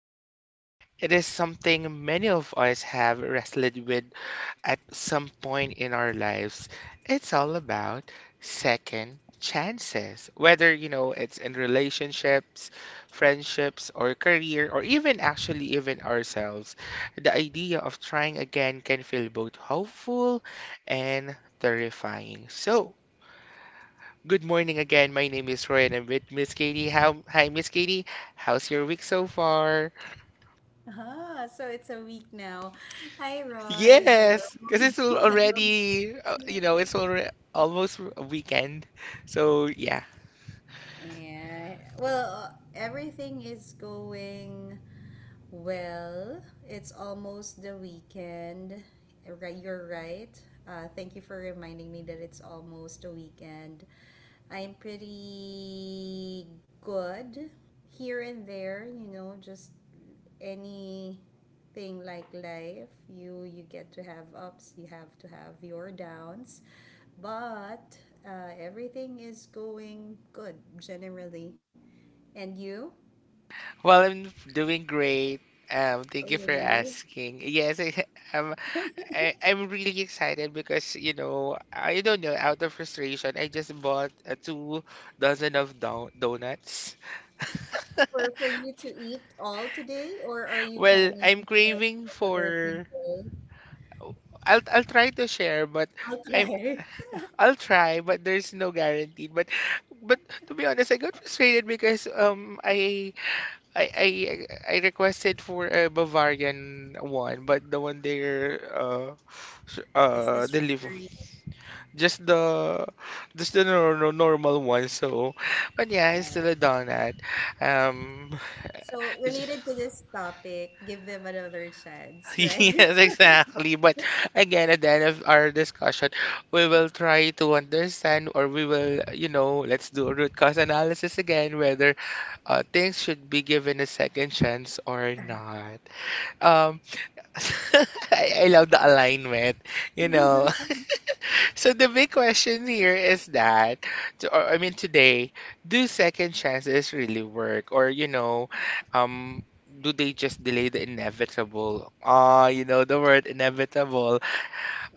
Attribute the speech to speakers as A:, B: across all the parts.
A: topic, it is something many of us have wrestled with at some point in our lives. It's all about second chances. Whether, it's in relationships, friendships, or career, or even actually even ourselves, the idea of trying again can feel both hopeful and terrifying. So, good morning again. My name is Roy and I'm with Miss Katie. Hi, Miss Katie. How's your week so far?
B: Ah, so it's a week now. Hi, Roy. Hello.
A: Yes, because
B: Hello.
A: already, it's already almost a weekend. So, yeah.
B: Yeah. Well, everything is going well. It's almost the weekend. Right, you're right. Thank you for reminding me that it's almost the weekend. I'm pretty good here and there, you know, just anything like life you get to have ups you have to have your downs but everything is going good generally. And you?
A: Well, I'm doing great. Thank you
B: Oh,
A: for
B: really?
A: asking. Yes, um, I'm really excited because, you know, I don't know, out of frustration, I just bought two dozen of do donuts.
B: For you to eat all today, or are you
A: Well,
B: planning
A: I'm
B: to share it
A: craving
B: with other
A: for
B: people?
A: I'll try to share, but
B: I'll
A: I'm
B: try.
A: I'll try, but there's no guarantee. But to be honest, I got frustrated because I I I requested for a Bavarian one, but the one they're
B: It's the
A: deliver
B: strawberry.
A: just the just the normal one. So, but yeah, it's still a donut. Um,
B: So related to this topic, give them another chance, right?
A: Yes, exactly. But again, at the end of our discussion, we will try to understand, or we will, you know, let's do a root cause analysis again, whether things should be given a second chance or not. Um, I love the alignment, you know. So the big question here is that, to- or I mean today, do second chances really work? Or, do they just delay the inevitable? Ah, you know the word inevitable.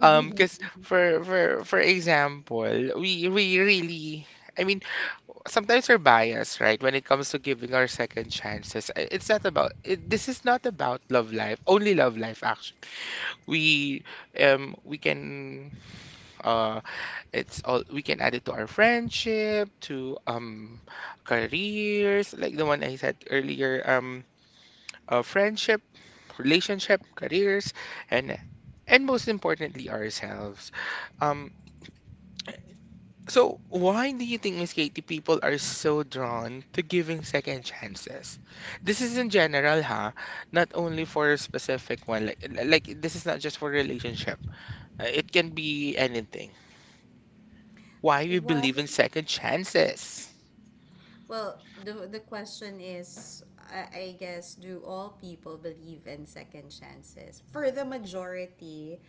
A: Because for example, we really, I mean, sometimes we're biased, right? When it comes to giving our second chances, it's not about it, this is not about love life, only love life actually we can uh it's all we can add it to our friendship to careers like the one I said earlier friendship, relationship, careers, and and most importantly ourselves. um so why do you think, Miss Katie, people are so drawn to giving second chances? This is in general, huh? Not only for a specific one. This is not just for relationship. It can be anything. Why we
B: What?
A: believe in second chances?
B: Well, the question is, I guess, do all people believe in second chances? For the majority,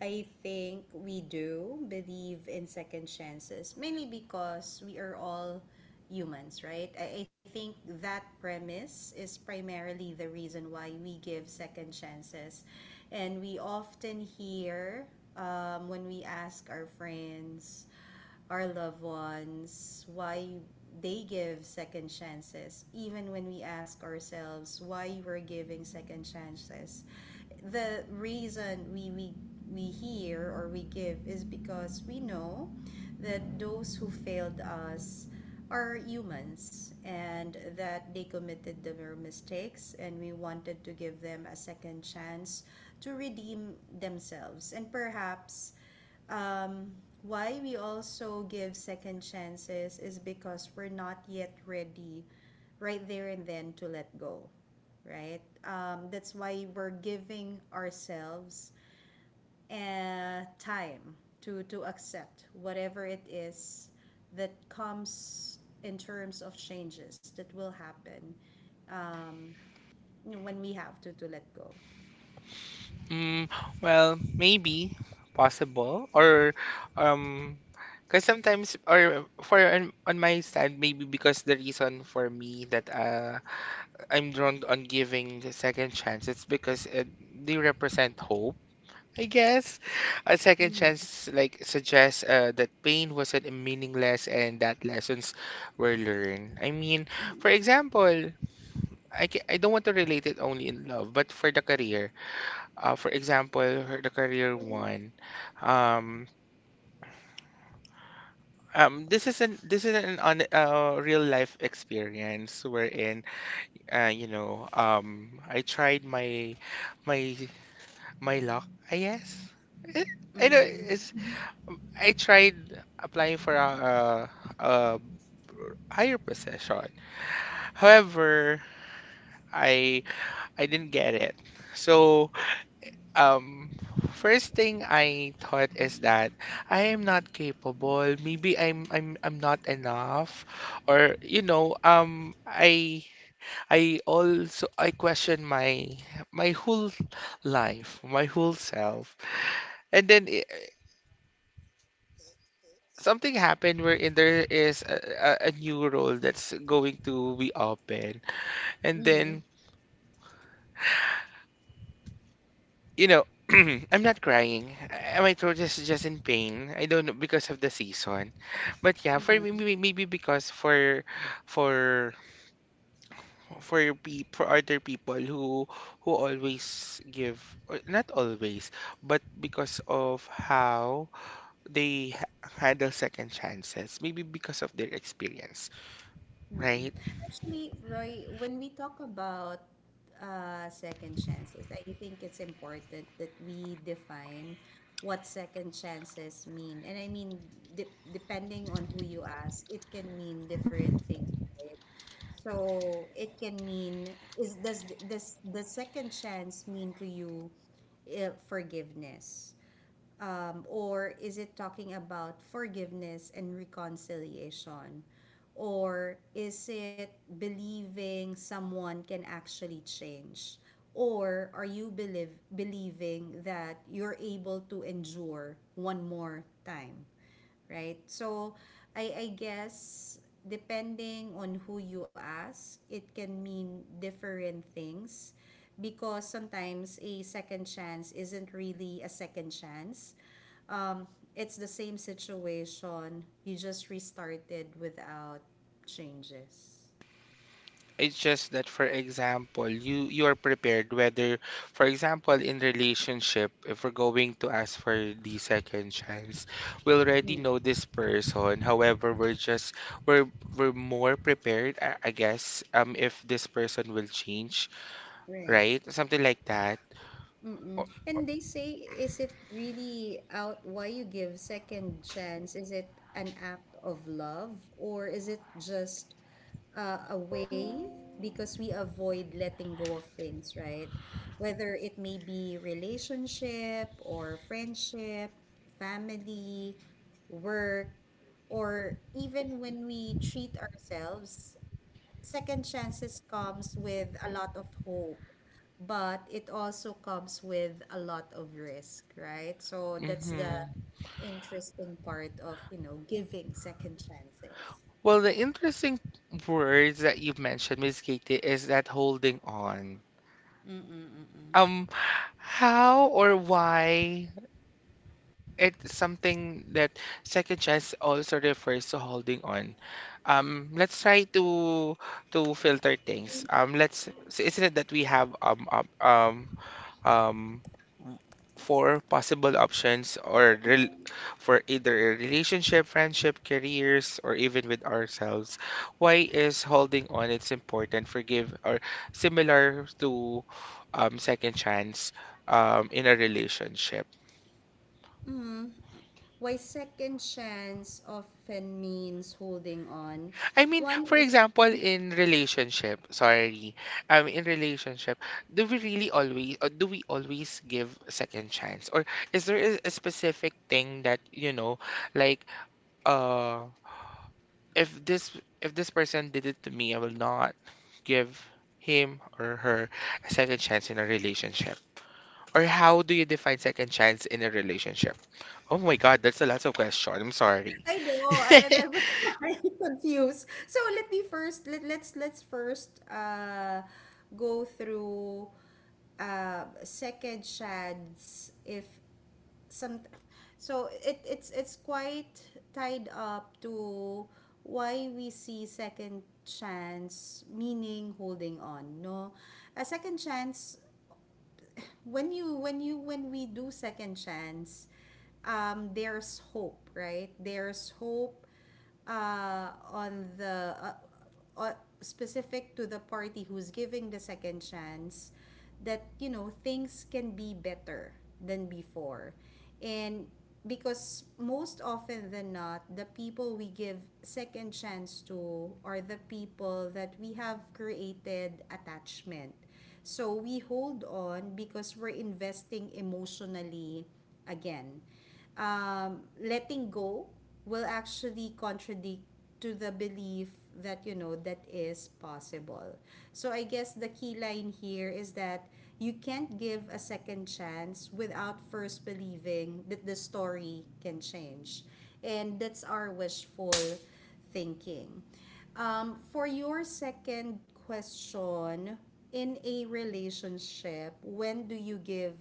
B: I think we do believe in second chances, mainly because we are all humans, right? I think that premise is primarily the reason why we give second chances. And we often hear when we ask our friends, our loved ones, why they give second chances, even when we ask ourselves why we're giving second chances. The reason we hear or we give is because we know that those who failed us are humans and that they committed their mistakes, and we wanted to give them a second chance to redeem themselves. And perhaps um, why we also give second chances is because we're not yet ready right there and then to let go, right? That's why we're giving ourselves time to accept whatever it is that comes in terms of changes that will happen. Um, you know, when we have to let go.
A: Hmm, well, maybe possible or um because sometimes or for on my side maybe because the reason for me that I'm drawn on giving the second chance, it's because they represent hope, I guess. A second
B: Mm-hmm.
A: chance like suggests that pain wasn't meaningless and that lessons were learned. I mean, for example, I don't want to relate it only in love, but for the career. For example, her, the career one. Um, this is an on real life experience wherein I tried my my luck, I guess. Eh, I know
B: Mm-hmm.
A: it's, I tried applying for a higher position. However, I I didn't get it. So Um, first thing I thought is that I am not capable. Maybe I'm not enough, or you know, I also I question my whole life, my whole self, and then I something happened wherein there is a new role that's going to be open, and
B: Mm-hmm.
A: then you know. I'm not crying. My throat is just in pain. I don't know because of the season. But yeah, for me,
B: Mm-hmm.
A: maybe because for for pe for other people who always give or not always, but because of how they handle second chances, maybe because of their experience,
B: Mm.
A: right?
B: Actually, Roy, when we talk about second chances, I think it's important that we define what second chances mean. And I mean, depending on who you ask, it can mean different things, right? So it can mean, is does the second chance mean to you forgiveness? Or is it talking about forgiveness and reconciliation? Or is it believing someone can actually change? Or are you believing that you're able to endure one more time, right? So I guess depending on who you ask, it can mean different things, because sometimes a second chance isn't really a second chance. Um, it's the same situation, you just restarted without changes.
A: It's just that, for example, you are prepared whether, for example, in relationship, if we're going to ask for the second chance, we already
B: Mm.
A: know this person. However, we're just we're we're more prepared, I guess, if this person will change,
B: Right.
A: right? Something like that.
B: Mm-mm. And they say, is it really out why you give second chance? Is it an act of love, or is it just a way because we avoid letting go of things, right? Whether it may be relationship or friendship, family, work, or even when we treat ourselves, second chances comes with a lot of hope, but it also comes with a lot of risk, right? So that's the
A: Mm-hmm.
B: interesting part of, you know, giving second chances.
A: Well, the interesting words that you've mentioned, Miss Katie, is that holding on. Um, how or why? It's something that second chance also refers to holding on. Let's try to filter things. Let's, so isn't it that we have um w- four possible options or rel for either a relationship, friendship, careers, or even with ourselves. Why is holding on? It's important. Forgive or similar to second chance in a relationship.
B: Mm. Why second chance often means holding on?
A: I mean,
B: One
A: for
B: is,
A: example, in relationship, sorry, in relationship, do we really always, or do we always give second chance, or is there a specific thing that, you know, like, uh, if this if this person did it to me, I will not give him or her a second chance in a relationship, or how do you define second chance in a relationship? Oh my God, that's a lot of question. I'm sorry.
B: I know, and I was quite confused. So let me first let's first go through second shads if some. So it's quite tied up to why we see second chance meaning holding on, no? A second chance, when you when we do second chance, there's hope, right? There's hope on the uh, specific to the party who's giving the second chance, that you know things can be better than before. And because most often than not, the people we give second chance to are the people that we have created attachment, so we hold on because we're investing emotionally again. Letting go will actually contradict to the belief that, you know, that is possible. So I guess the key line here is that you can't give a second chance without first believing that the story can change. And that's our wishful thinking. For your second question, in a relationship, when do you give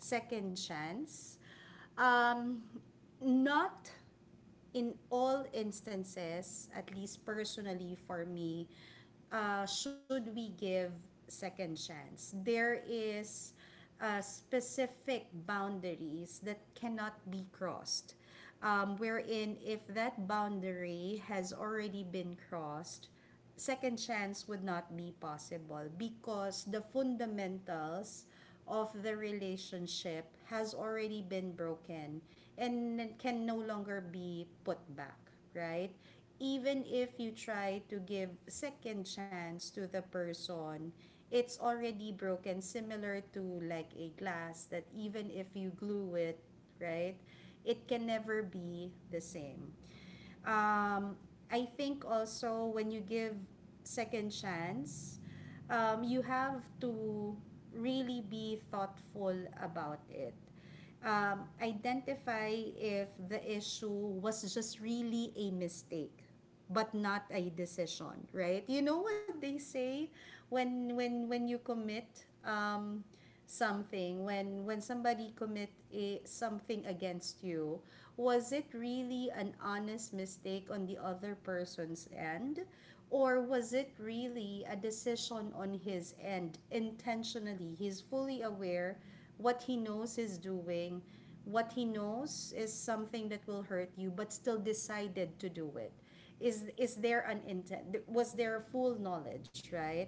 B: second chance? Um, not in all instances, at least personally for me, should we give second chance? There is specific boundaries that cannot be crossed. Wherein if that boundary has already been crossed, second chance would not be possible because the fundamentals of the relationship has already been broken and can no longer be put back, right? Even if you try to give second chance to the person, it's already broken, similar to like a glass that even if you glue it, right, it can never be the same. Um, I think also when you give second chance, you have to really be thoughtful about it. Identify if the issue was just really a mistake but not a decision, right? You know what they say when when you commit something, when somebody commit a, something against you, was it really an honest mistake on the other person's end? Or was it really a decision on his end intentionally? He's fully aware what he knows he's doing, what he knows is something that will hurt you, but still decided to do it. Is there an intent, was there full knowledge, right?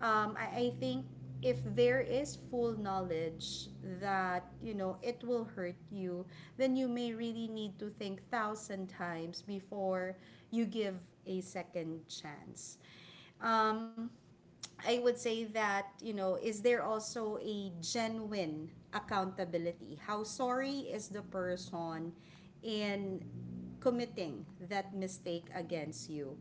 B: I think if there is full knowledge that you know it will hurt you, then you may really need to think thousand times before you give a second chance. Um, I would say that, you know, is there also a genuine accountability? How sorry is the person in committing that mistake against you?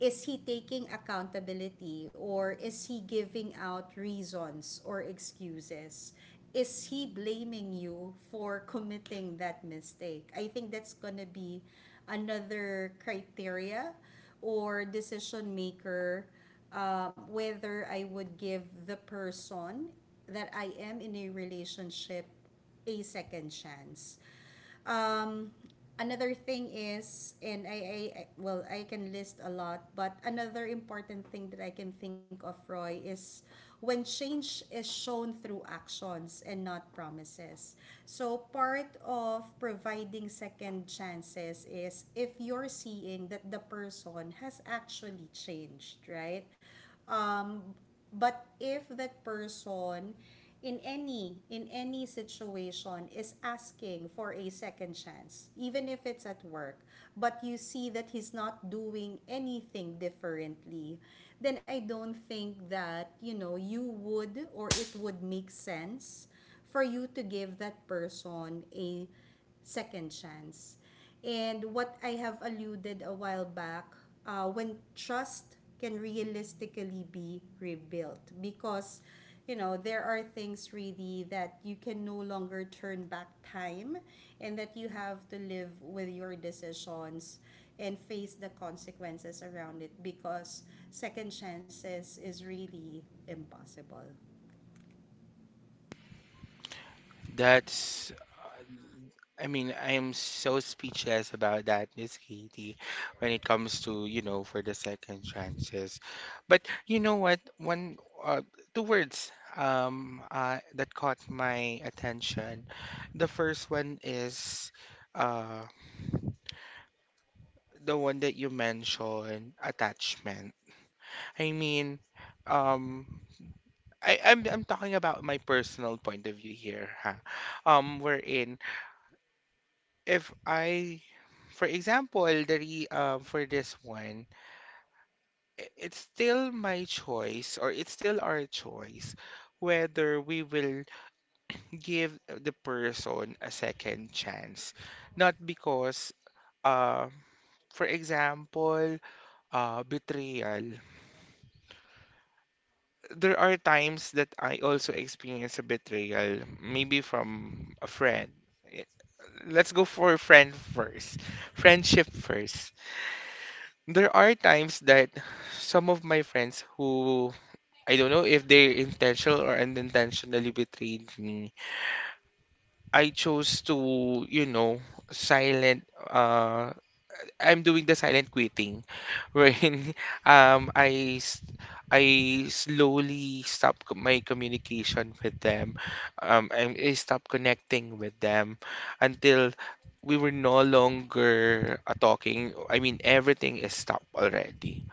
B: Is he taking accountability, or is he giving out reasons or excuses? Is he blaming you for committing that mistake? I think that's going to be another criteria or decision maker, whether I would give the person that I am in a relationship a second chance. Um, another thing is, and well, I can list a lot, but another important thing that I can think of, Roy, is when change is shown through actions and not promises. So part of providing second chances is if you're seeing that the person has actually changed, right? Um, but if that person in any situation is asking for a second chance, even if it's at work, but you see that he's not doing anything differently, then I don't think that, you know, you would, or it would make sense for you to give that person a second chance. And what I have alluded a while back, when trust can realistically be rebuilt, because you know there are things really that you can no longer turn back time, and that you have to live with your decisions and face the consequences around it. Because second chances is really impossible.
A: That's I am so speechless about that, Miss Katie, when it comes to, you know, for the second chances. But you know what? One, uh, two words that caught my attention. The first one is uh, the one that you mentioned, attachment. I mean, um, I'm talking about my personal point of view here, huh? Wherein if I, for example, for this one, it's still my choice or it's still our choice whether we will give the person a second chance. Not because, uh, for example, betrayal. There are times that I also experience a betrayal, maybe from a friend. Eh, let's go for friend first, friendship first. There are times that some of my friends who I don't know if they intentional or unintentionally betrayed me. I chose to, you know, silent I'm doing the silent quitting, wherein um I s- I slowly my communication with them. I stop connecting with them until we were no longer talking. I mean, everything is stopped already,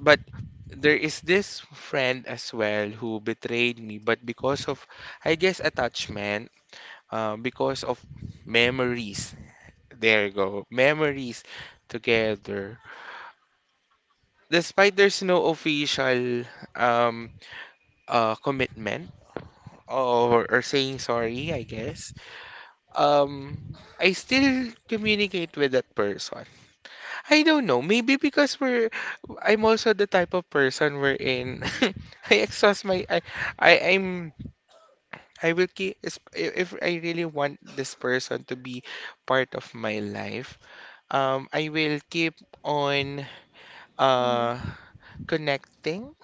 A: but there is this friend as well who betrayed me, but because of, I guess, attachment, because of memories. There you go, memories together. Despite there's no official um, commitment or saying sorry, I guess, um, I still communicate with that person. I don't know. Maybe because we're I'm also the type of person we're in. I exhaust my I I'm I will if I really want this person to be part of my life. I will keep on
B: Mm-hmm.
A: uh connecting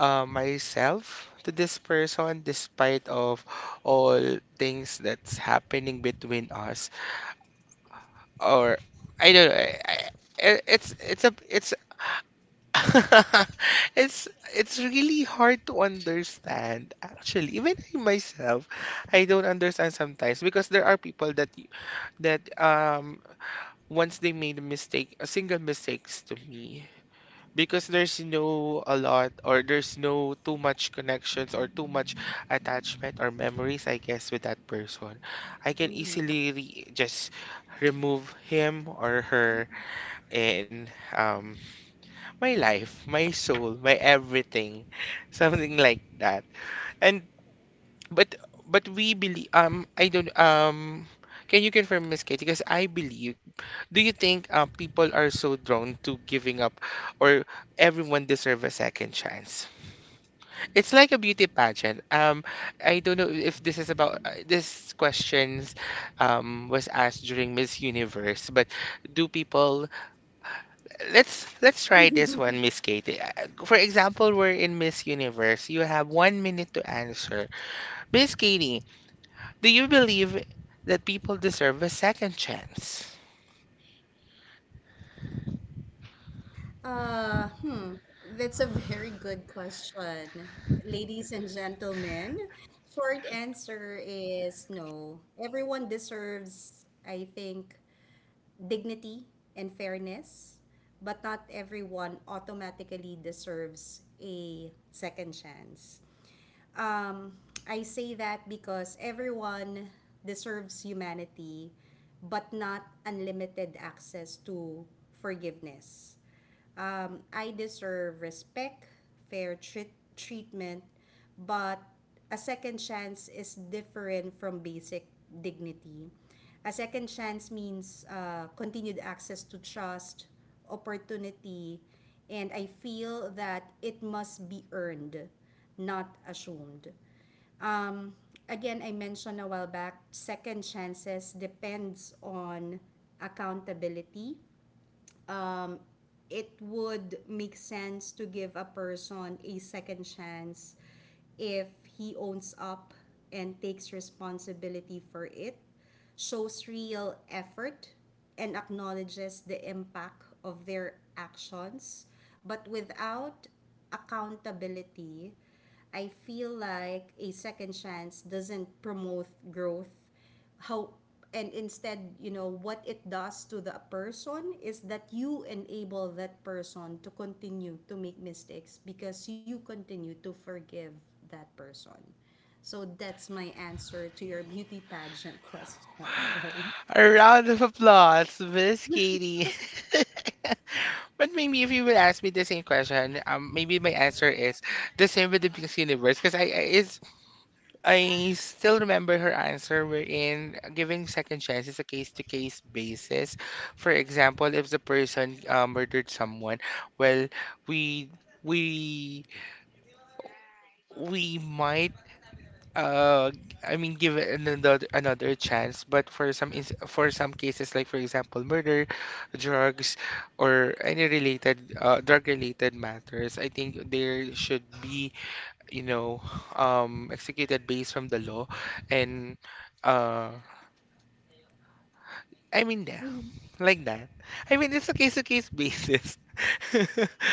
A: myself to this person despite of all things that's happening between us or I don't know. It's a it's It's it's really hard to understand. Actually, even I myself, I don't understand sometimes because there are people that once they made a mistake, a single mistakes to me because there's no a lot or there's no too much connections or too much attachment or memories, I guess, with that person. I can
B: Mhm.
A: easily re just remove him or her and my life, my soul, my everything, something like that. And but but we believe I don't can you confirm, Miss Katie? Because I believe. Do you think people are so drawn to giving up, or everyone deserve a second chance? It's like a beauty pageant. I don't know if this is about this questions, was asked during Miss Universe, but do people let's try this one, Miss Katie. For example, we're in Miss Universe. You have 1 minute to answer. Miss Katie, do you believe that people deserve a second chance?
B: Hmm. That's a very good question. Ladies and gentlemen, short answer is no. Everyone deserves, I think, dignity and fairness, but not everyone automatically deserves a second chance. Um, I say that because everyone deserves humanity, but not unlimited access to forgiveness. I deserve respect, fair treatment, but a second chance is different from basic dignity. A second chance means continued access to trust, opportunity, and I feel that it must be earned, not assumed. Um, again, I mentioned a while back, second chances depends on accountability. It would make sense to give a person a second chance if he owns up and takes responsibility for it, shows real effort, and acknowledges the impact of their actions. But without accountability, I feel like a second chance doesn't promote growth how, and instead, you know, what it does to the person is that you enable that person to continue to make mistakes because you continue to forgive that person. So that's my answer to your beauty pageant question. Right.
A: A round of applause, Miss Katie. But maybe if you will ask me the same question, maybe my answer is the same with the Miss Universe, because I it's I still remember her answer wherein giving second chance is a case-to-case basis. For example, if the person murdered someone, well, we we we might uh give it another chance, but for some ins for some cases like for example murder, drugs, or any related drug-related matters, I think there should be, you know, executed based from the law. And uh,
B: Mhm.
A: I mean, yeah, like that. I mean, it's a case-to-case basis.
B: Mm.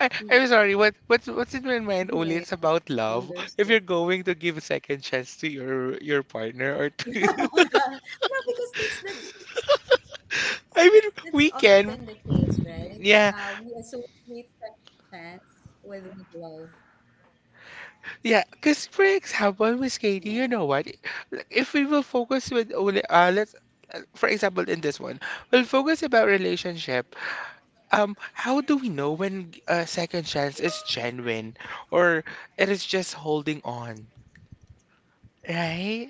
A: I'm sorry, what
B: Yeah,
A: what's in my mind only,
B: yeah,
A: it's about
B: understood.
A: love. If you're going to give a second chance to your partner or
B: No,
A: to
B: because that's that's
A: I mean,
B: often the
A: we
B: case,
A: can.
B: right? We
A: Yeah,
B: associate second chance with love.
A: yeah, because for example, Miss
B: Yeah.
A: Katie, you know what? Like, if we will focus with only, let's, for example, in this one, we'll focus about relationship. How do we know when a second chance is genuine or it is just holding on, right?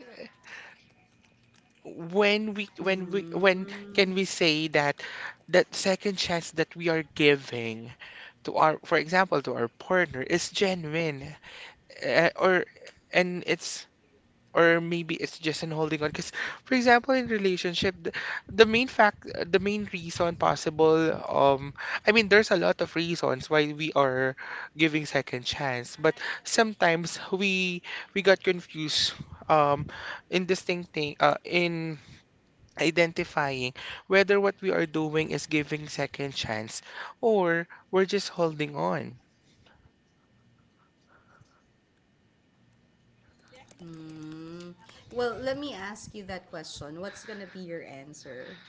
A: When we, when we,
B: Mm-hmm.
A: when can we say that that second chance that we are giving to our, for example, to our partner is genuine, uh, or and it's or maybe it's just an holding on? Because for example in relationship, the main reason possible, um I mean, there's a lot of reasons why we are giving second chance, but sometimes we got confused um in distincting in identifying whether what we are doing is giving second chance or we're just holding on.
B: Well, let me ask you that question. What's gonna be your answer?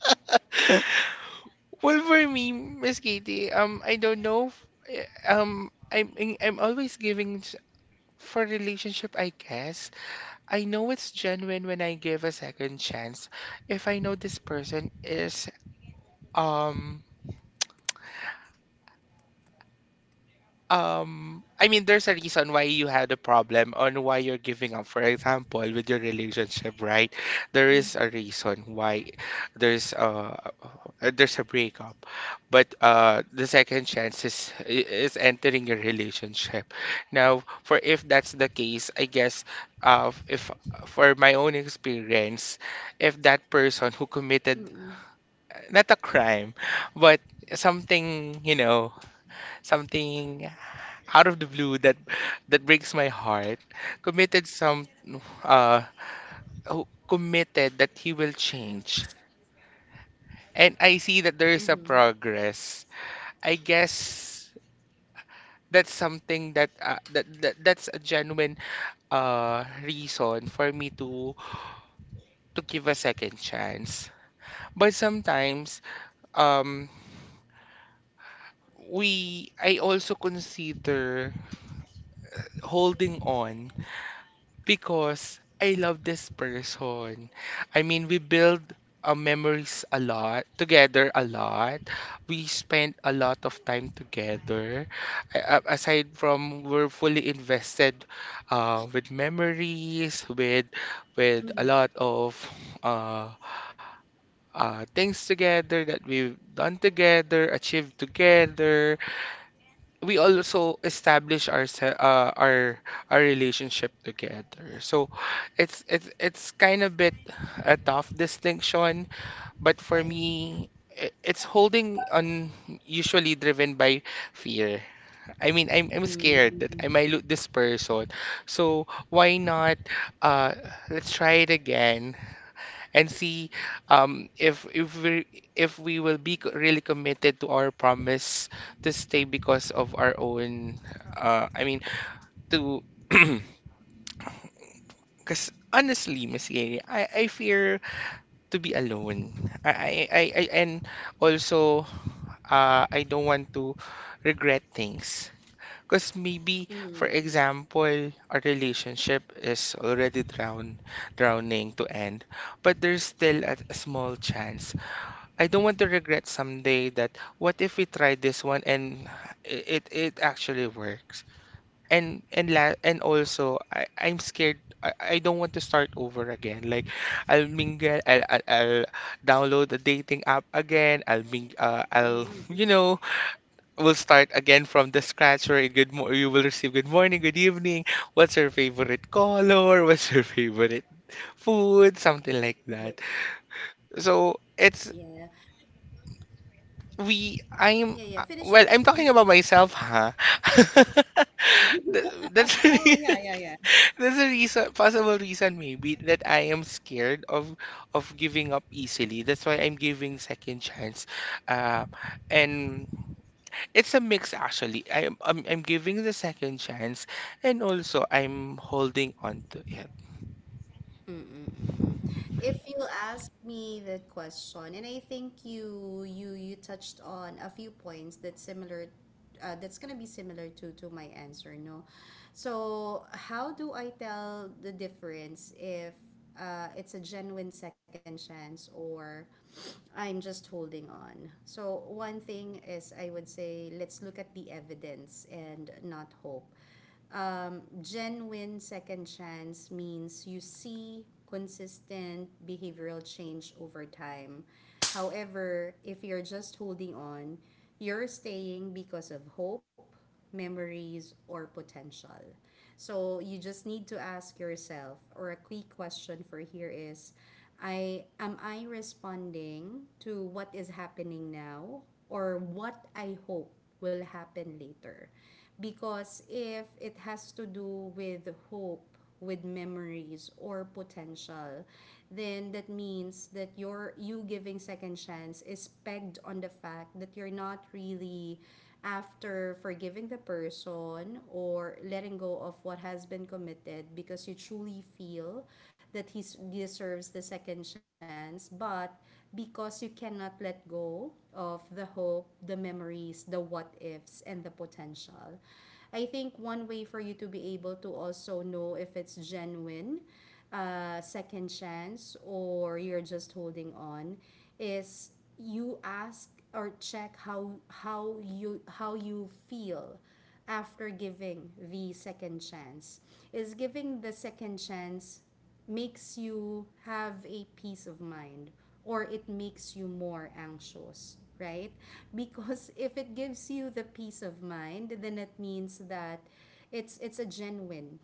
A: Well, for me, Miss Katie, I don't know. I'm always giving for relationship. I guess I know it's genuine when I give a second chance. If I know this person is um I mean, there's a reason why you had a problem on why you're giving up. For example, with your relationship, right? There
B: Mm-hmm.
A: is a reason why there's a there's a breakup, but the second chance is entering your relationship. Now, for if that's the case, I guess if, for my own experience, if that person who committed
B: Mm-hmm.
A: not a crime, but something, you know, something out of the blue that that breaks my heart, committed some uh who committed that he will change, and I see that there is a
B: Mm-hmm.
A: progress, I guess that's something that that's a genuine reason for me to give a second chance. But sometimes, um we, I also consider holding on because I love this person. I mean, we build memories a lot, together a lot. We spend a lot of time together. Aside from we're fully invested with memories, with a
B: Mm-hmm.
A: lot of uh, things together that we've done together, achieved together. We also establish our our relationship together. So it's kind of bit a tough distinction, but for
B: Right.
A: me, it's holding on usually driven by fear. I mean, I'm scared that I
B: Mm-hmm.
A: might lose this person. So why not uh let's try it again and see um, if if we if we will be really committed to our promise to stay because of our own. I mean, to because honestly, Miss Gary, I fear to be alone. I and also, I don't want to regret things. Because maybe, for
B: Mm-hmm.
A: example, our relationship is already drown, drowning to end, but there's still a small chance. I don't want to regret someday that what if we try this one and it actually works. And la and also I'm scared. I don't want to start over again. Like, I'll mingle I'll download a dating app again. I'll, you
B: Mm-hmm.
A: know, we'll start again from the scratch where good mo you will receive good morning, good evening. What's your favorite color? What's your favorite food? Something like that.
B: Right.
A: So it's,
B: Yeah.
A: we,
B: Yeah. Yeah. Finish
A: well, I'm
B: your-
A: talking about myself, huh? That's the
B: Oh, yeah. Yeah.
A: that's a reason, possible reason, maybe, that I am scared of giving up easily. That's why I'm giving second chance. Uh, and it's a mix actually. I'm giving the second chance and also I'm holding on to it.
B: Mm-mm-mm-mm. If you ask me the question, and I think you touched on a few points that's similar, that's gonna be similar to my answer. No, so how do I tell the difference if it's a genuine second chance, or I'm just holding on? So one thing is, I would say, let's look at the evidence and not hope. Um, genuine second chance means you see consistent behavioral change over time. However, if you're just holding on, you're staying because of hope, memories, or potential. So you just need to ask yourself, or a quick question for here is, I responding to what is happening now or what I hope will happen later? Because if it has to do with hope, with memories, or potential, then that means that you giving second chance is pegged on the fact that you're not really after forgiving the person or letting go of what has been committed because you truly feel that he deserves the second chance, but because you cannot let go of the hope, the memories, the what ifs, and the potential. I think one way for you to be able to also know if it's genuine, second chance, or you're just holding on, is you ask or check how you feel after giving the second chance. Is giving the second chance makes you have a peace of mind or it makes you more anxious, right? Because if it gives you the peace of mind, then it means that it's a genuine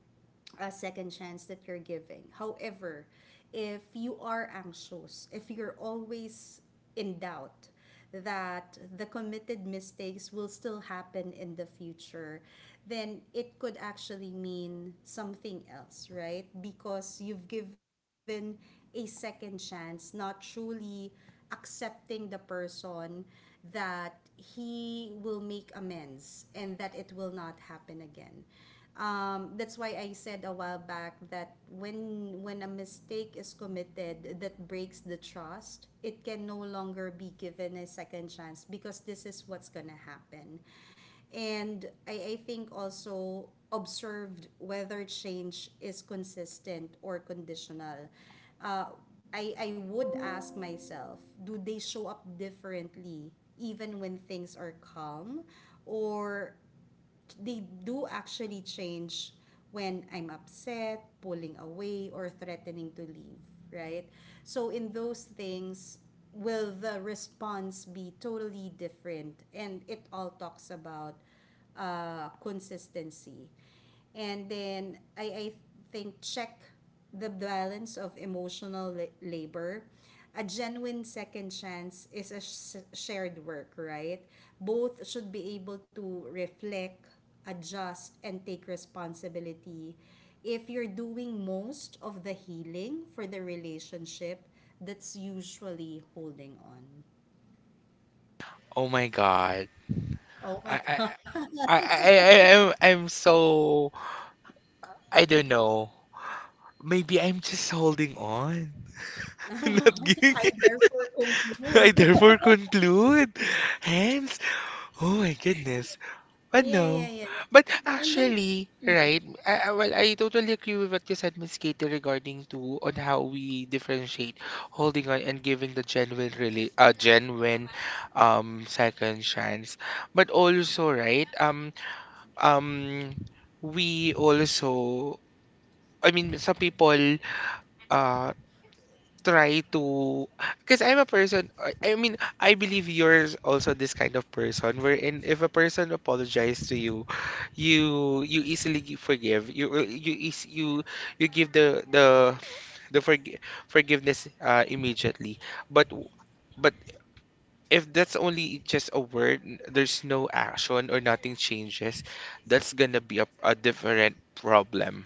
B: a second chance that you're giving. However, if you are anxious, if you're always in doubt, that the committed mistakes will still happen in the future, then it could actually mean something else, right? Because you've given a second chance, not truly accepting the person, that he will make amends and that it will not happen again. That's why I said a while back that when a mistake is committed that breaks the trust, it can no longer be given a second chance because this is what's gonna happen. And I think also observed whether change is consistent or conditional. Uh, I would ask myself, do they show up differently even when things are calm? Or they do actually change when I'm upset, pulling away, or threatening to leave, right? So in those things, will the response be totally different? And it all talks about consistency. And then I think check the balance of emotional labor. A genuine second chance is a shared work, right? Both should be able to reflect, adjust, and take responsibility. If you're doing most of the healing for the relationship, that's usually holding on.
A: Oh my God.
B: Oh my
A: I
B: God.
A: I I'm so I don't know. Maybe I'm just holding on. Not giving
B: I
A: it.
B: therefore conclude.
A: I therefore conclude. Hence, oh my goodness. But
B: Yeah, yeah,
A: no.
B: yeah.
A: But
B: And then.
A: actually, right, well, I totally agree with what you said, Miss Katie, regarding to on how we differentiate holding on and giving the genuine, really, genuine, second chance. But also, right, um, we also, I mean, some people, uh, try to, because I'm a person, I mean, I believe you're also this kind of person wherein if a person apologizes to you, you easily forgive. You you give the forgiveness, immediately. but w- but if that's only just a word, there's no action or nothing changes, that's gonna be a different problem.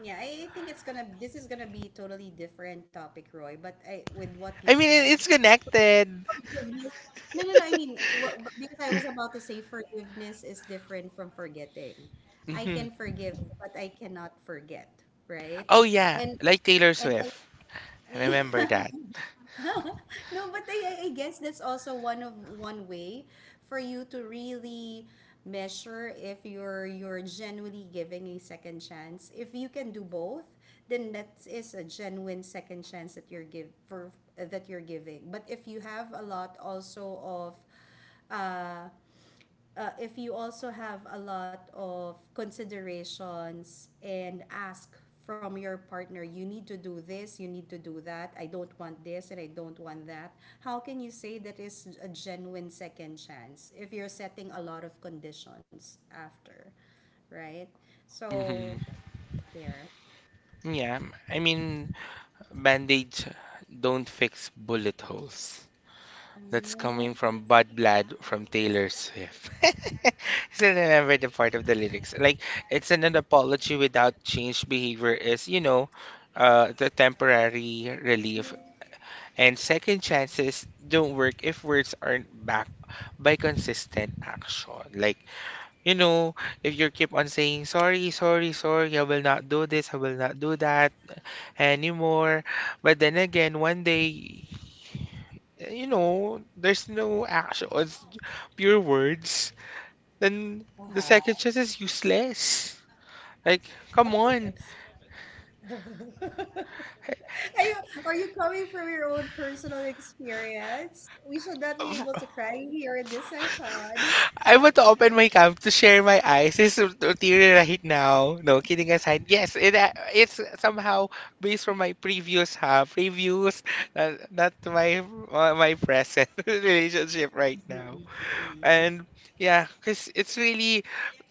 B: Yeah, I think it's gonna this is gonna be totally different topic, Roy. But I with what you
A: I mean,
B: said,
A: it's connected.
B: forgiveness. No, no, no. I mean, what, but- because I was about to say forgiveness is different from forgetting. I
A: Hmm.
B: can forgive, but I cannot forget, right?
A: Oh yeah,
B: And
A: like Taylor
B: and I,
A: Swift.
B: yeah.
A: Remember that.
B: No, but I guess that's also one of one way for you to really measure if you're genuinely giving a second chance. If you can do both, then that is a genuine second chance that you're give for that you're giving. But if you have a lot also of uh if you also have a lot of considerations and ask from your partner, you need to do this, you need to do that, I don't want this and I don't want that, how can you say that is a genuine second chance if you're setting a lot of conditions after, right? So,
A: Hmm.
B: there.
A: Yeah, I mean, band-aids don't fix bullet holes. That's
B: Oh,
A: coming
B: this,
A: from Bud Blood from Taylor Swift. Still remember the part of the lyrics. Like, it's an apology without change behavior is, you know, the temporary relief. And second chances don't work if words aren't backed by consistent action. Like, you know, if you keep on saying, sorry, sorry, sorry, I will not do this, I will not do that anymore. But then again, one day, you know, there's no action, it's pure words. Then
B: uh.
A: the second chance is useless. Like,
B: Of
A: come on.
B: course. Are you are you coming from your own personal experience? We should not be able to cry here in this session.
A: I want to open my camp to share my eyes. It's teary right now. No, kidding aside. Yes, it, it's somehow based from my previous ha, previous, not my my present relationship right now.
B: Mm.
A: And yeah, because it's really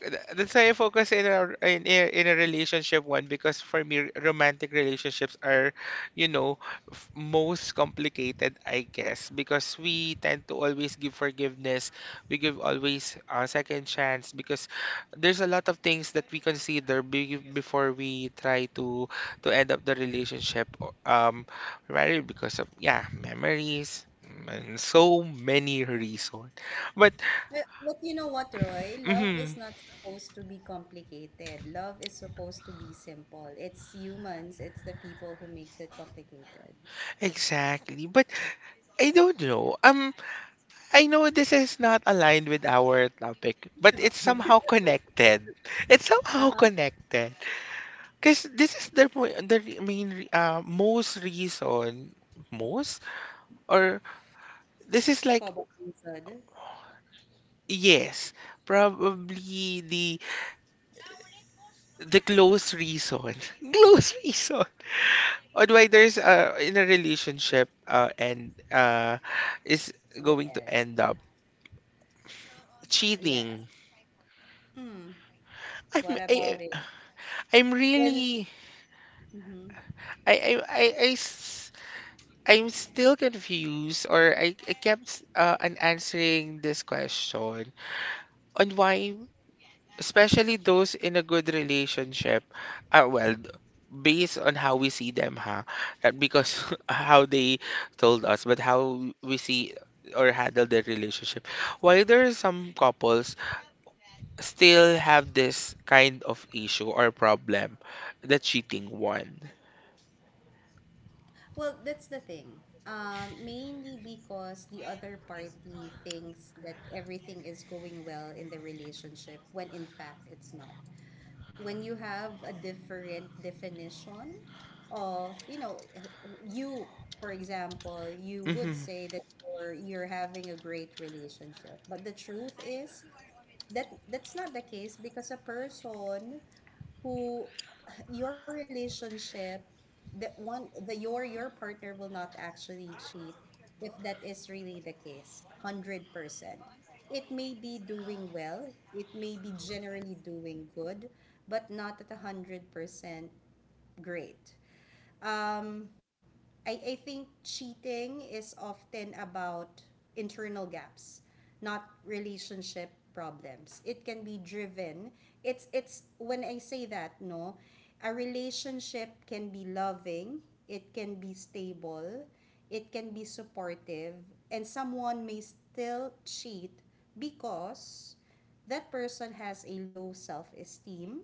A: that's why I focus in a in a relationship one because for me romantic relationships are, you know, most complicated, I guess, because we tend to always give forgiveness. We give always a second chance because there's a lot of things that we consider be, before we try to end up the relationship, or, right, because of yeah memories, mm, and so many reasons, but,
B: But you know what, Roy? Love is
A: mhm.
B: not supposed to be complicated. Love is supposed to be simple. It's humans, it's the people who makes it complicated.
A: Exactly. But I don't know. I know this is not aligned with our topic, but it's
B: Topic.
A: somehow connected. It's somehow
B: Uh-huh.
A: connected. Because this is the main most reason, most, or this is like,
B: Cobblepot
A: yes, probably the close reason, close reason on why there's, in a relationship, and is
B: would
A: going to
B: end.
A: end up
B: Yeah.
A: cheating.
B: Hmm. What
A: I'm
B: about
A: I,
B: it?
A: I'm
B: When.
A: really
B: Mhm.
A: I I I I s- I'm still confused, or I kept, on answering this question on why, especially those in a good relationship, well, based on how we see them, huh, not because how they told us, but how we see or handle their relationship, why there are some couples still have this kind of issue or problem, the cheating one.
B: Well, that's the thing. Mainly because the other party thinks that everything is going well in the relationship when in fact it's not. When you have a different definition of, you know, you, for example, you would
A: Mm-hmm.
B: say that you're having a great relationship. But the truth is, that that's not the case because a person who your relationship that one the your partner will not actually cheat if that is really the case. 100% it may be doing well, it may be generally doing good, but not at 100% great. um I think cheating is often about internal gaps, not relationship problems. It can be driven. It's when I say that, no, a relationship can be loving, it can be stable, it can be supportive, and someone may still cheat because that person has a low self-esteem,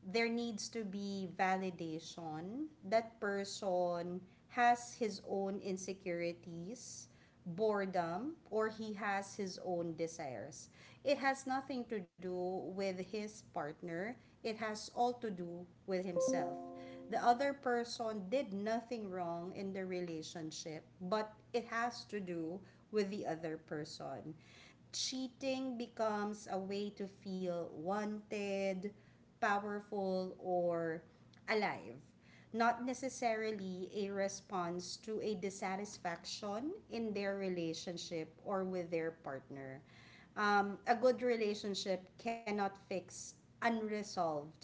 B: there needs to be validation. That person has his own insecurities, boredom, or he has his own desires. It has nothing to do with his partner, it has all to do with himself. The other person did nothing wrong in the relationship, but it has to do with the other person. Cheating becomes a way to feel wanted, powerful, or alive. Not necessarily a response to a dissatisfaction in their relationship or with their partner. A good relationship cannot fix unresolved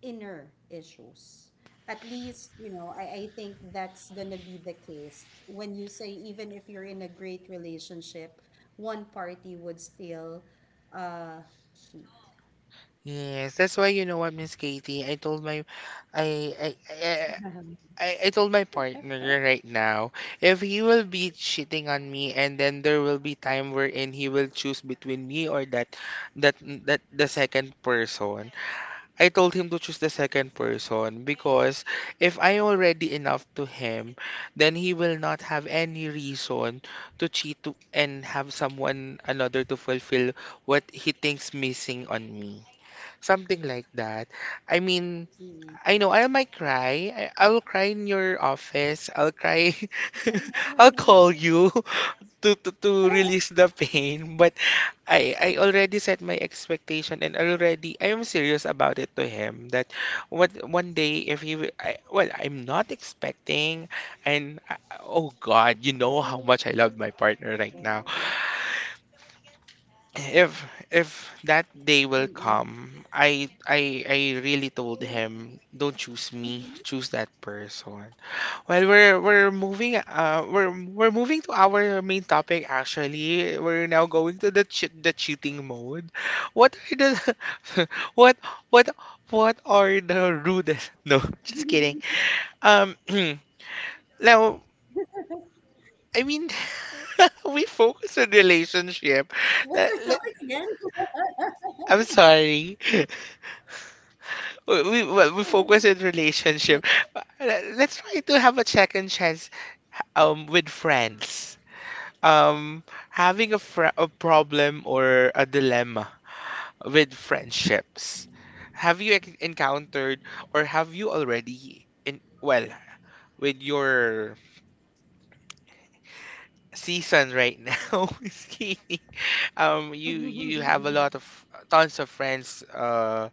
B: inner issues. At least, you know, I think that's going to be the case. When you say, even if you're in a great relationship, one party would still uh, cheat.
A: Yes, that's why you know what, Miss Katie. I told my, I, I, I, I told my partner right now, if he will be cheating on me, and then there will be time wherein he will choose between me or that, that the second person. I told him to choose the second person because if I already enough to him, then he will not have any reason to cheat to, and have someone another to fulfill what he thinks missing on me. Something like that. I mean,
B: Mm-hmm.
A: I know I might cry. I will cry in your office. I'll cry. I'll call you to, to
B: Mm-mm.
A: release the pain. But I already set my expectation and already I am serious about it to him that what one day if I, well I'm not expecting and I, oh God, you know how much I love my partner right now. if if that day will come, I really told him, don't choose me, choose that person. Well, we're moving, we're moving to our main topic actually. We're now going to the the cheating mode. What are the what what what are the rudest? No, just kidding. Um, now, I mean, we focus on
B: What's our topic again?
A: relationship. Let- let- I'm sorry. we, well, we
B: No
A: focus
B: good.
A: in relationship. Uh, Let's try to have a check and chance with friends. Um, Having a a problem or a dilemma with friendships. Have you encountered or have you already in, well, with your season right now? Is, you you have a lot of tons of friends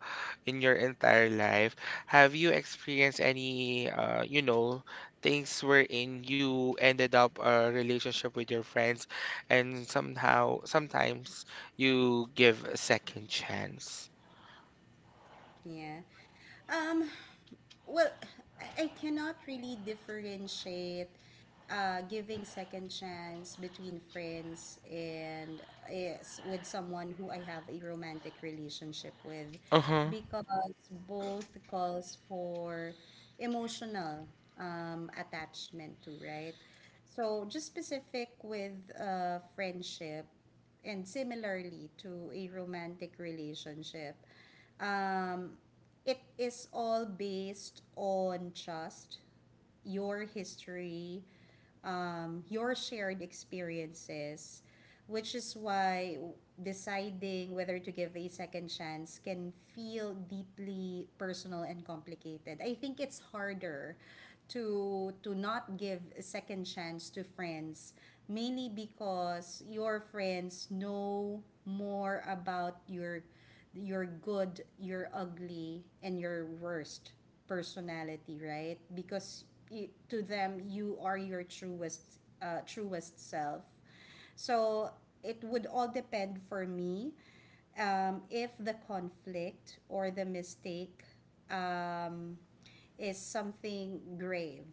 A: in your entire life. Have you experienced any you know things wherein you ended up a relationship with your friends and somehow sometimes you give a second chance?
B: Yeah. Um, well, I cannot really differentiate giving second chance between friends and is with someone who I have a romantic relationship with,
A: Uh-huh.
B: because both calls for emotional attachment to, right? So just specific with friendship and similarly to a romantic relationship, um, it is all based on just your history, your shared experiences, which is why deciding whether to give a second chance can feel deeply personal and complicated. I think it's harder to not give a second chance to friends, mainly because your friends know more about your good, your ugly, and your worst personality, right? Because I to them, you are your truest self. So it would all depend for me if the conflict or the mistake um, is something grave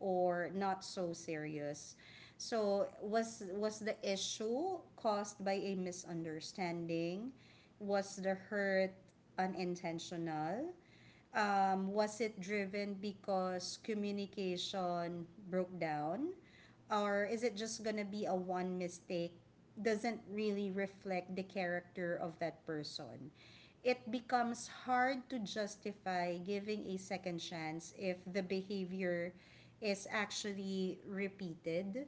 B: or not so serious. So was the issue caused by a misunderstanding? Was the hurt unintentional? Um, was it driven because communication broke down? Or is it just going to be a one mistake? Doesn't really reflect the character of that person. It becomes hard to justify giving a second chance if the behavior is actually repeated.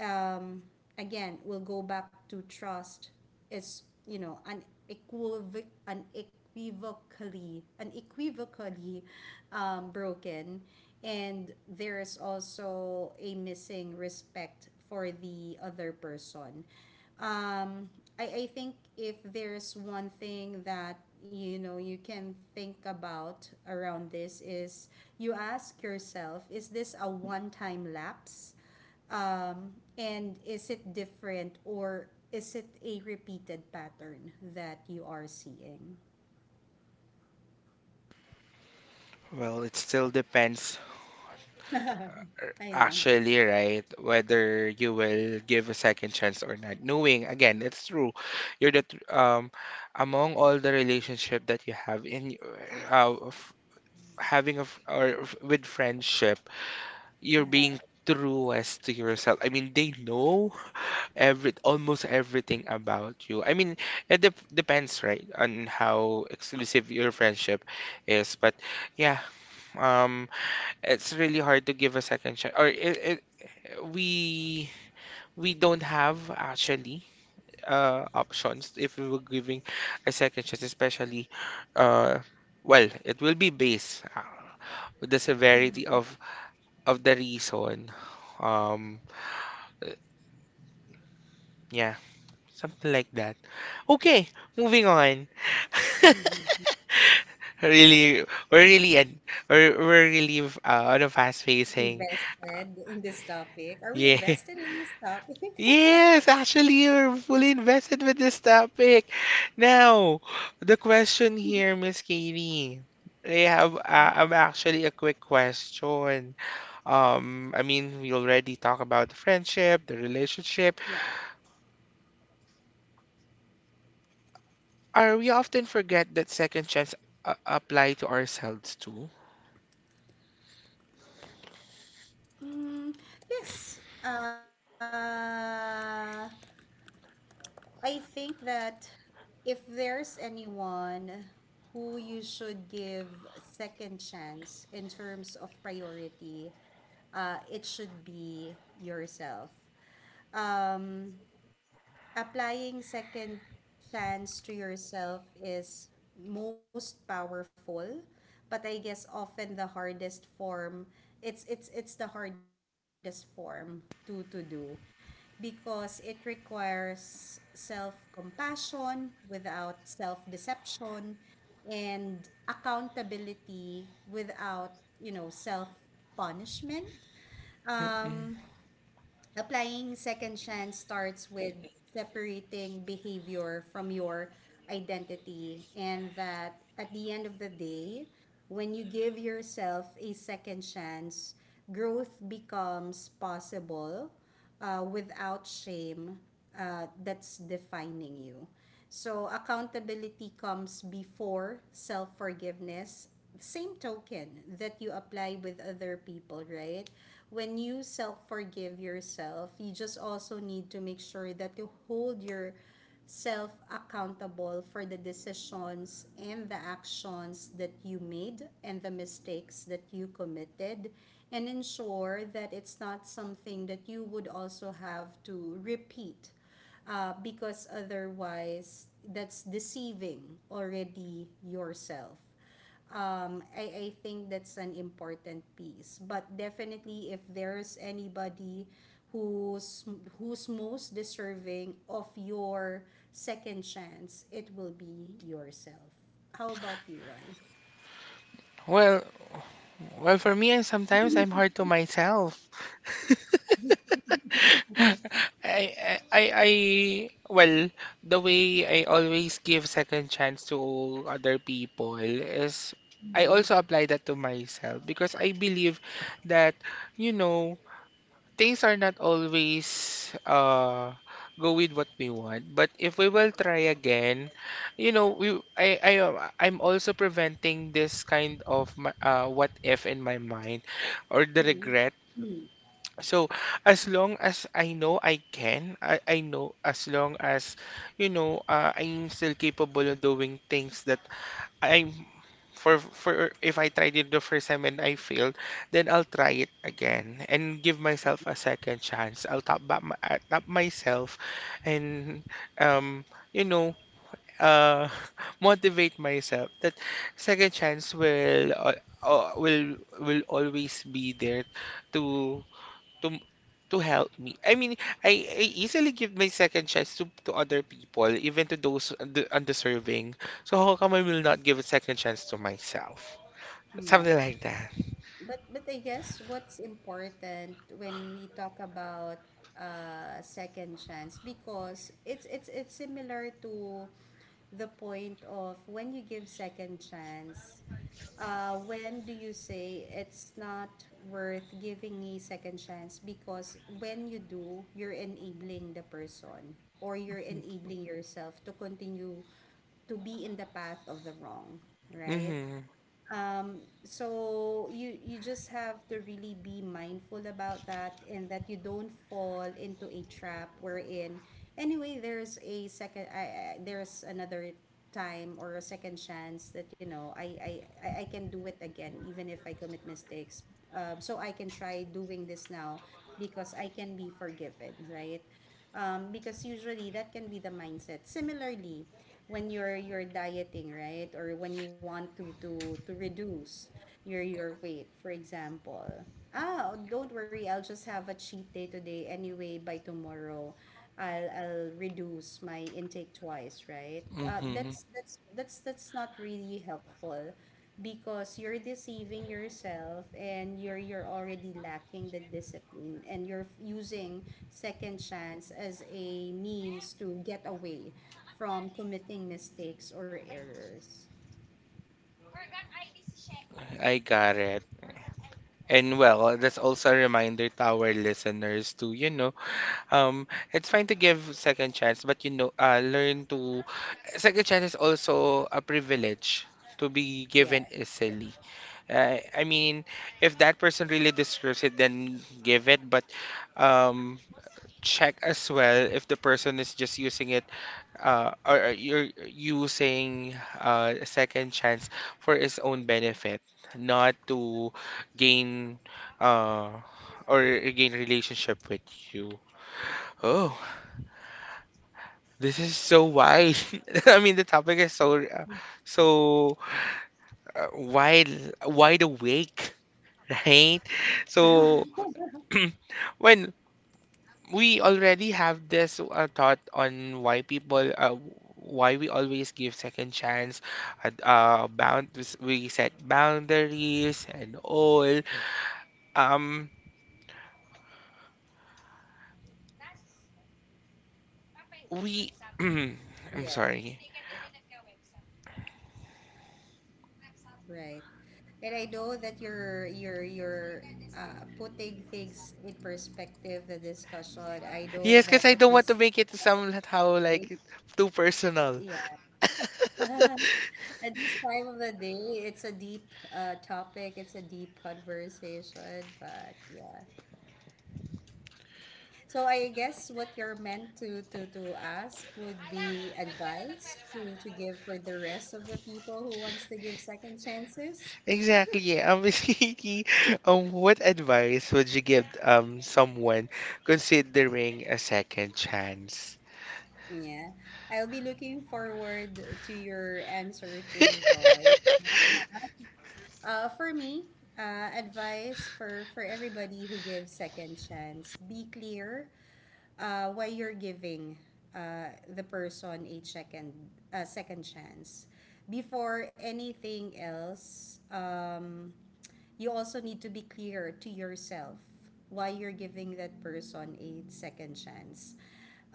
B: um, Again, we'll go back to trust is, you know, an unequivocally broken. And there is also a missing respect for the other person. Um, I think if there's one thing that you know you can think about around this is you ask yourself, is this a one time lapse and is it different, or is it a repeated pattern that you are seeing?
A: Well, it still depends
B: I know.
A: actually, right, whether you will give a second chance or not, knowing again it's true, you're the among all the relationship that you have in, uh, f- having a with friendship, you're being
B: Uh-huh.
A: truest to yourself. I mean, they know every almost everything about you. I mean, it depends, right, on how exclusive your friendship is. But yeah, um it's really hard to give a second shot. Or we we don't have actually options if we were giving a second chance, especially, uh well, it will be based, with the severity
B: Mhm.
A: of the reason. Um, uh, yeah, something like that. Okay, moving on.
B: Mhm.
A: Really, we're really an, we're really, on a fast pacing.
B: Invested in this topic. Are we
A: Yeah.
B: invested in this topic?
A: Yes, actually, you're fully invested with this topic. Now, the question here, Miss Katie. I have I'm actually a quick question. I mean, we already talk about the friendship, the relationship.
B: Yeah.
A: Are we often forget that second chance apply to ourselves too?
B: Mm, yes. I think that if there's anyone who you should give second chance in terms of priority, it should be yourself. Um, applying second chance to yourself is most powerful, but I guess often the hardest form, it's the hardest form to do because it requires self compassion without self deception, and accountability without, you know, self punishment.
A: Mm-mm.
B: um Applying second chance starts with separating behavior from your identity, and that at the end of the day, when you give yourself a second chance, growth becomes possible without shame that's defining you. So, accountability comes before self forgiveness. Same token that you apply with other people, right? When you self forgive yourself, you just also need to make sure that you hold your self accountable for the decisions and the actions that you made and the mistakes that you committed, and ensure that it's not something that you would also have to repeat because otherwise that's deceiving already yourself. I think that's an important piece. But definitely, if there's anybody who's who's most deserving of your second chance, it will be yourself. How about you, Roy?
A: Well, Well, for me, I sometimes I'm hard to myself. Well, the way I always give second chance to other people is I
B: Mm.
A: also apply that to myself because I believe that, you know, things are not always go with what we want, but if we will try again, you know, we I I'm also preventing this kind of what if in my mind or the
B: Mm.
A: regret.
B: Mm.
A: So as long as I know I can I know, as long as, I'm still capable of doing things that I'm for if I tried it the first time and I failed, then I'll try it again and give myself a second chance. I'll tap back tap myself, and um you know uh motivate myself that second chance will always be there to to to help me. I mean, I easily give my second chance to other people, even to those undeserving. So how come I will not give a second chance to myself?
B: Yeah.
A: Something like that.
B: But I guess what's important when we talk about second chance because it's it's similar to the point of when you give second chance, when do you say it's not worth giving a second chance? Because when you do, you're enabling the person or you're enabling yourself to continue to be in the path of the wrong, right?
A: Mm-hmm.
B: So you you just have to really be mindful about that, and that you don't fall into a trap wherein anyway there's a second I there's another time or a second chance that you know I can do it again even if I commit mistakes. So I can try doing this now because I can be forgiven, right? Um, because usually that can be the mindset similarly when you're dieting, right? Or when you want to to reduce your weight, for example. Ah, don't worry, I'll just have a cheat day today, anyway by tomorrow I'll reduce my intake twice, right?
A: Mm-hmm.
B: That's not really helpful because you're deceiving yourself and you're already lacking the discipline, and you're using second chance as a means to get away from committing mistakes or errors.
A: I got it. And well, that's also a reminder to our listeners to, um, it's fine to give second chance, but learn to, second chance is also a privilege to be
B: Yeah.
A: given easily. I mean, if that person really deserves it, then give it. But um, check as well if the person is just using it, are you saying a second chance for its own benefit, not to gain, uh, or gain relationship with you? Oh, this is so wide. I mean, the topic is so so uh, wide wide awake, right? So when we already have this thought on why we always give second chance, bound we set boundaries and all. Um we I'm
B: Yeah,
A: sorry,
B: right. And I know that you're putting things in perspective the discussion. I know
A: yes, because
B: that
A: I
B: at
A: don't want to
B: this
A: make it somehow
B: stage,
A: like too personal.
B: at this time of the day, it's a deep topic, it's a deep conversation, but yeah. So I guess what you're meant to to ask would be advice to give for the rest of the people who wants to give second chances.
A: Exactly. Yeah. Miss Kiki, what advice would you give someone considering a second chance?
B: Yeah. I'll be looking forward to your answer to Roy. For me, advice for everybody who gives second chance: be clear why you're giving the person a second chance before anything else. You also need to be clear to yourself why you're giving that person a second chance.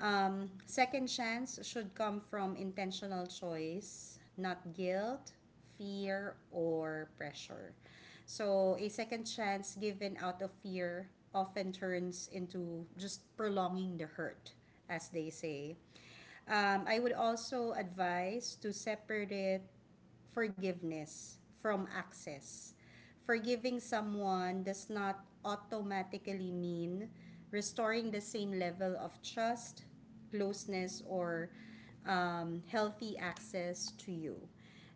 B: Second chance should come from intentional choice, not guilt, fear, or pressure. So, a second chance given out of fear often turns into just prolonging the hurt, as they say. I would also advise to separate forgiveness from access. Forgiving someone does not automatically mean restoring the same level of trust, closeness, or healthy access to you.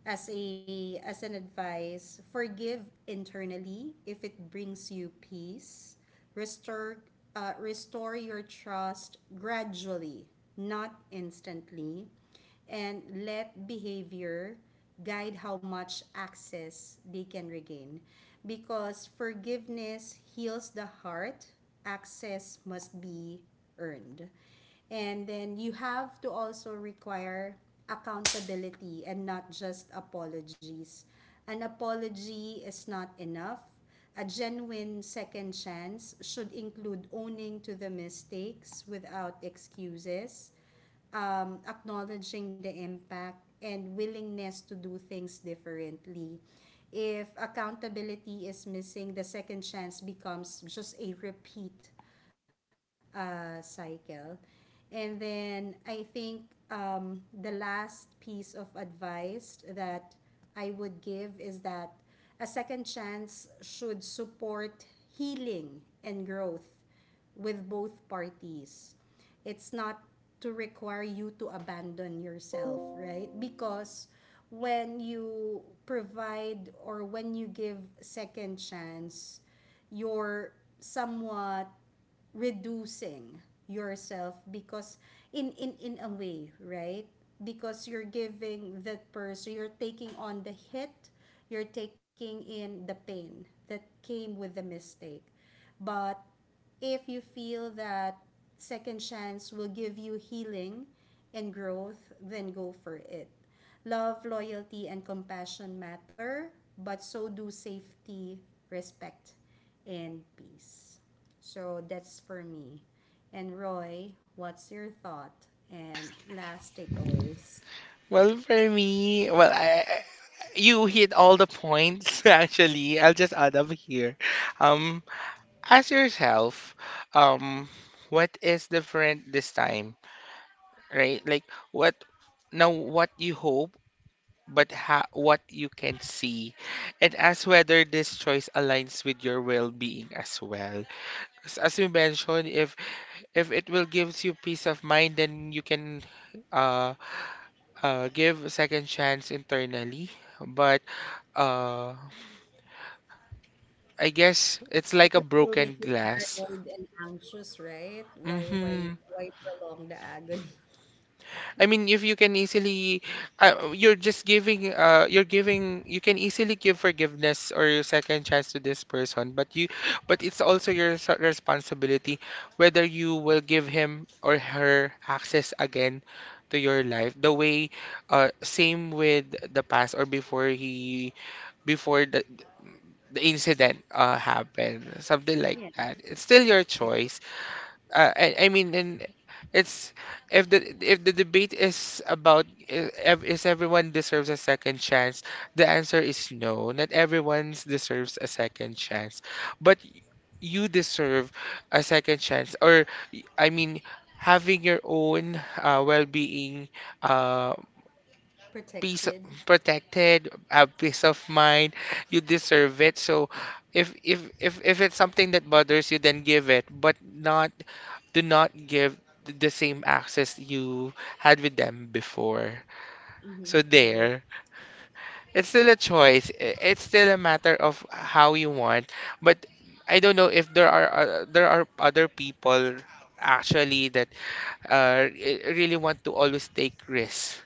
B: As a as an advice, forgive internally if it brings you peace. Restore your trust gradually, not instantly, and let behavior guide how much access they can regain. Because forgiveness heals the heart, access must be earned. And then you have to also require accountability and not just apologies. An apology is not enough. A genuine second chance should include owning to the mistakes without excuses, acknowledging the impact and willingness to do things differently. If accountability is missing, the second chance becomes just a repeat cycle. And then I think the last piece of advice that I would give is that a second chance should support healing and growth with both parties. It's not to require you to abandon yourself, right? Because when you provide or when you give second chance, you're somewhat reducing yourself because in a way, right? Because you're giving that person, you're taking on the hit, you're taking in the pain that came with the mistake. But if you feel that second chance will give you healing and growth, then go for it. Love, loyalty, and compassion matter, but so do safety, respect, and peace. So that's for me. And Roy, what's your thought and last takeaways?
A: Well, for me, you hit all the points actually. I'll just add up here. Um, ask yourself, um, what is different this time, right? Like what what you hope, but ha what you can see, and ask whether this choice aligns with your well-being as well. 'Cause as we mentioned, if it will gives you peace of mind, then you can uh, give a second chance internally, but Uh, I guess
B: Because
A: it's
B: it
A: like a
B: will make you
A: broken glass.
B: paranoid and anxious, right?
A: Mm-hmm.
B: Why prolong the agony?
A: I mean, if you can easily, you're just giving, you're giving, you can easily give forgiveness or your second chance to this person, but it's also your responsibility whether you will give him or her access again to your life. The way, same with the past or before the incident, happened, something like
B: Yeah,
A: that. It's still your
B: like
A: choice. I mean, and it's, if the debate is about is everyone deserves a second chance, the answer is no. Not everyone deserves a second chance, but you deserve a second chance, or I mean, having your own well-being, uh, peace
B: protected.
A: o- protected, peace of mind. You deserve it. So if it's something that bothers you, then give it, but not, do not give the same access you had with them before.
B: Mm-hmm.
A: So
B: Agree.
A: there, it's still a choice. It's still a matter of how you want. But I don't know if there are there are other people actually that, really want to always take risks.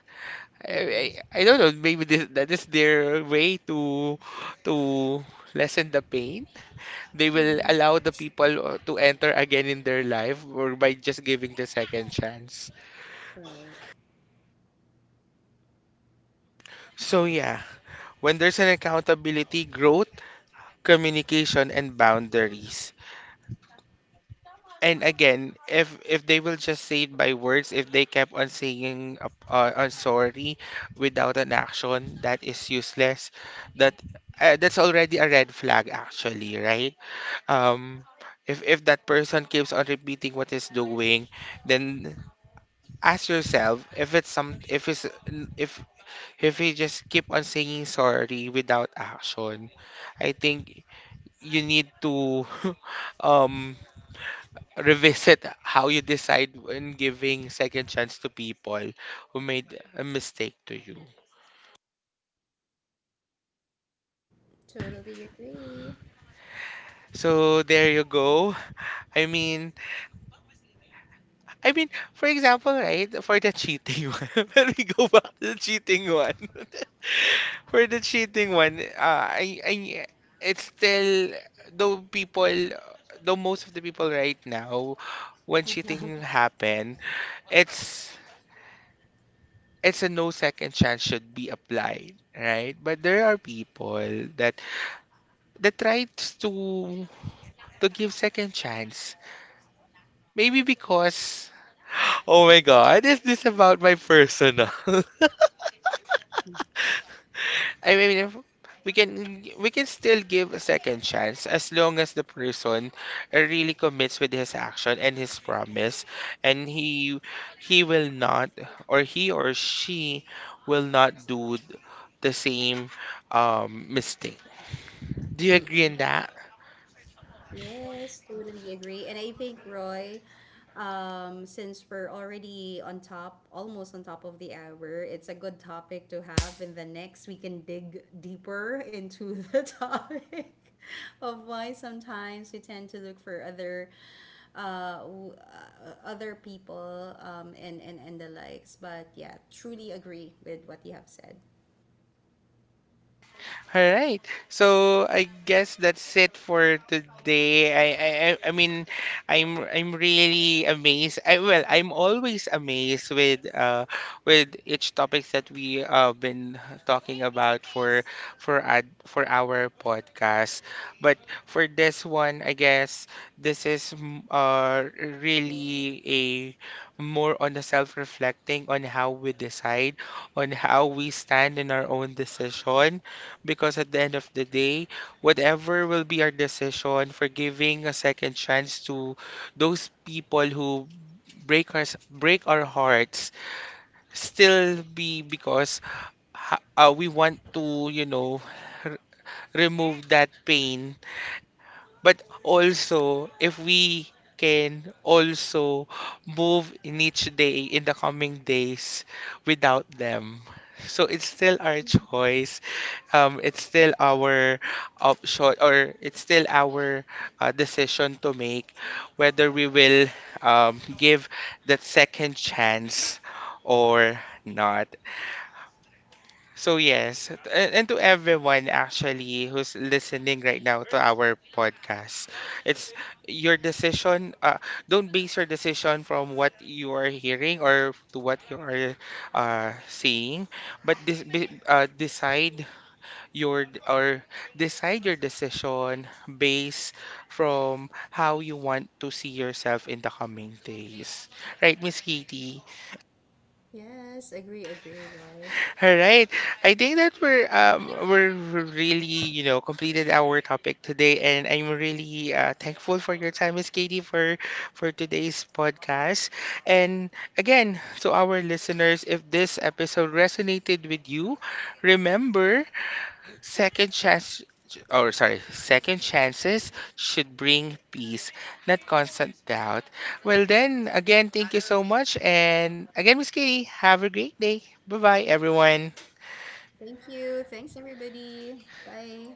B: Mm-mm.
A: I don't know. Maybe that is their way to lessen the pain. They will
B: Mm-hmm.
A: allow the people to enter again in their life, or by just giving the second chance.
B: Right.
A: So yeah, when there's an accountability, growth, communication, and boundaries. And again, if they will just say it by words, if they kept on saying sorry without an action, that is useless. That that's already a red flag, actually, right? Um, if that person keeps on repeating what is doing, then ask yourself if it's some if it's if If you just keep on saying sorry without action, I think you need to um, revisit how you decide when giving second chance to people who made a mistake to you.
B: Totally agree.
A: So there you go. I mean, I mean, for example, right, for the cheating one, let me go back to the cheating one. For the cheating one, I, it's still, though people, though most of the people right now, when cheating happen, it's, it's a no second chance should be applied, right? But there are people that, that tries to give second chance. Maybe because, oh my God, is this about my personal? I mean, if we can still give a second chance as long as the person really commits with his action and his promise, and he will not, or he or she will not do the same mistake. Do you agree on
B: Mm-mm.
A: that?
B: Yes, totally agree. And I think Roy, since we're already on top, almost on top of the hour, it's a good topic to have. In the next, we can dig deeper into the topic of why sometimes we tend to look for other, other people, and and the likes. But yeah, truly agree with what you have said.
A: All right. So I guess that's it for today. I mean, I'm really amazed. I, well, I'm always amazed with each topics that we been talking about for for our podcast. But for this one, I guess this is really a more on the self-reflecting on how we decide, on how we stand in our own decision, because at the end of the day, whatever will be our decision for giving a second chance to those people who break our hearts, still be because we want to, you know, r- remove that pain, but also if we can also move in each day in the coming days without them. So it's still our choice, it's still our option, or it's still our decision to make whether we will give that second chance or not. So yes, and to everyone actually who's listening right now to our podcast, it's your decision. Don't base your decision from what you are hearing or to what you are seeing, but decide your d- or decide your decision based from how you want to see yourself in the coming days. Right, Miss Katie?
B: Yes, agree, agree, Roy.
A: All right. I think that we're really, you know, completed our topic today, and I'm really thankful for your time, Miss Katie, for today's podcast. And again, to our listeners, if this episode resonated with you, remember, second chance, or sorry, second chances should bring peace, not constant doubt. Well then, again, thank you so much, and again, Miss Kitty, have a great day. Bye-bye everyone.
B: Thank you. Thanks, everybody. Bye.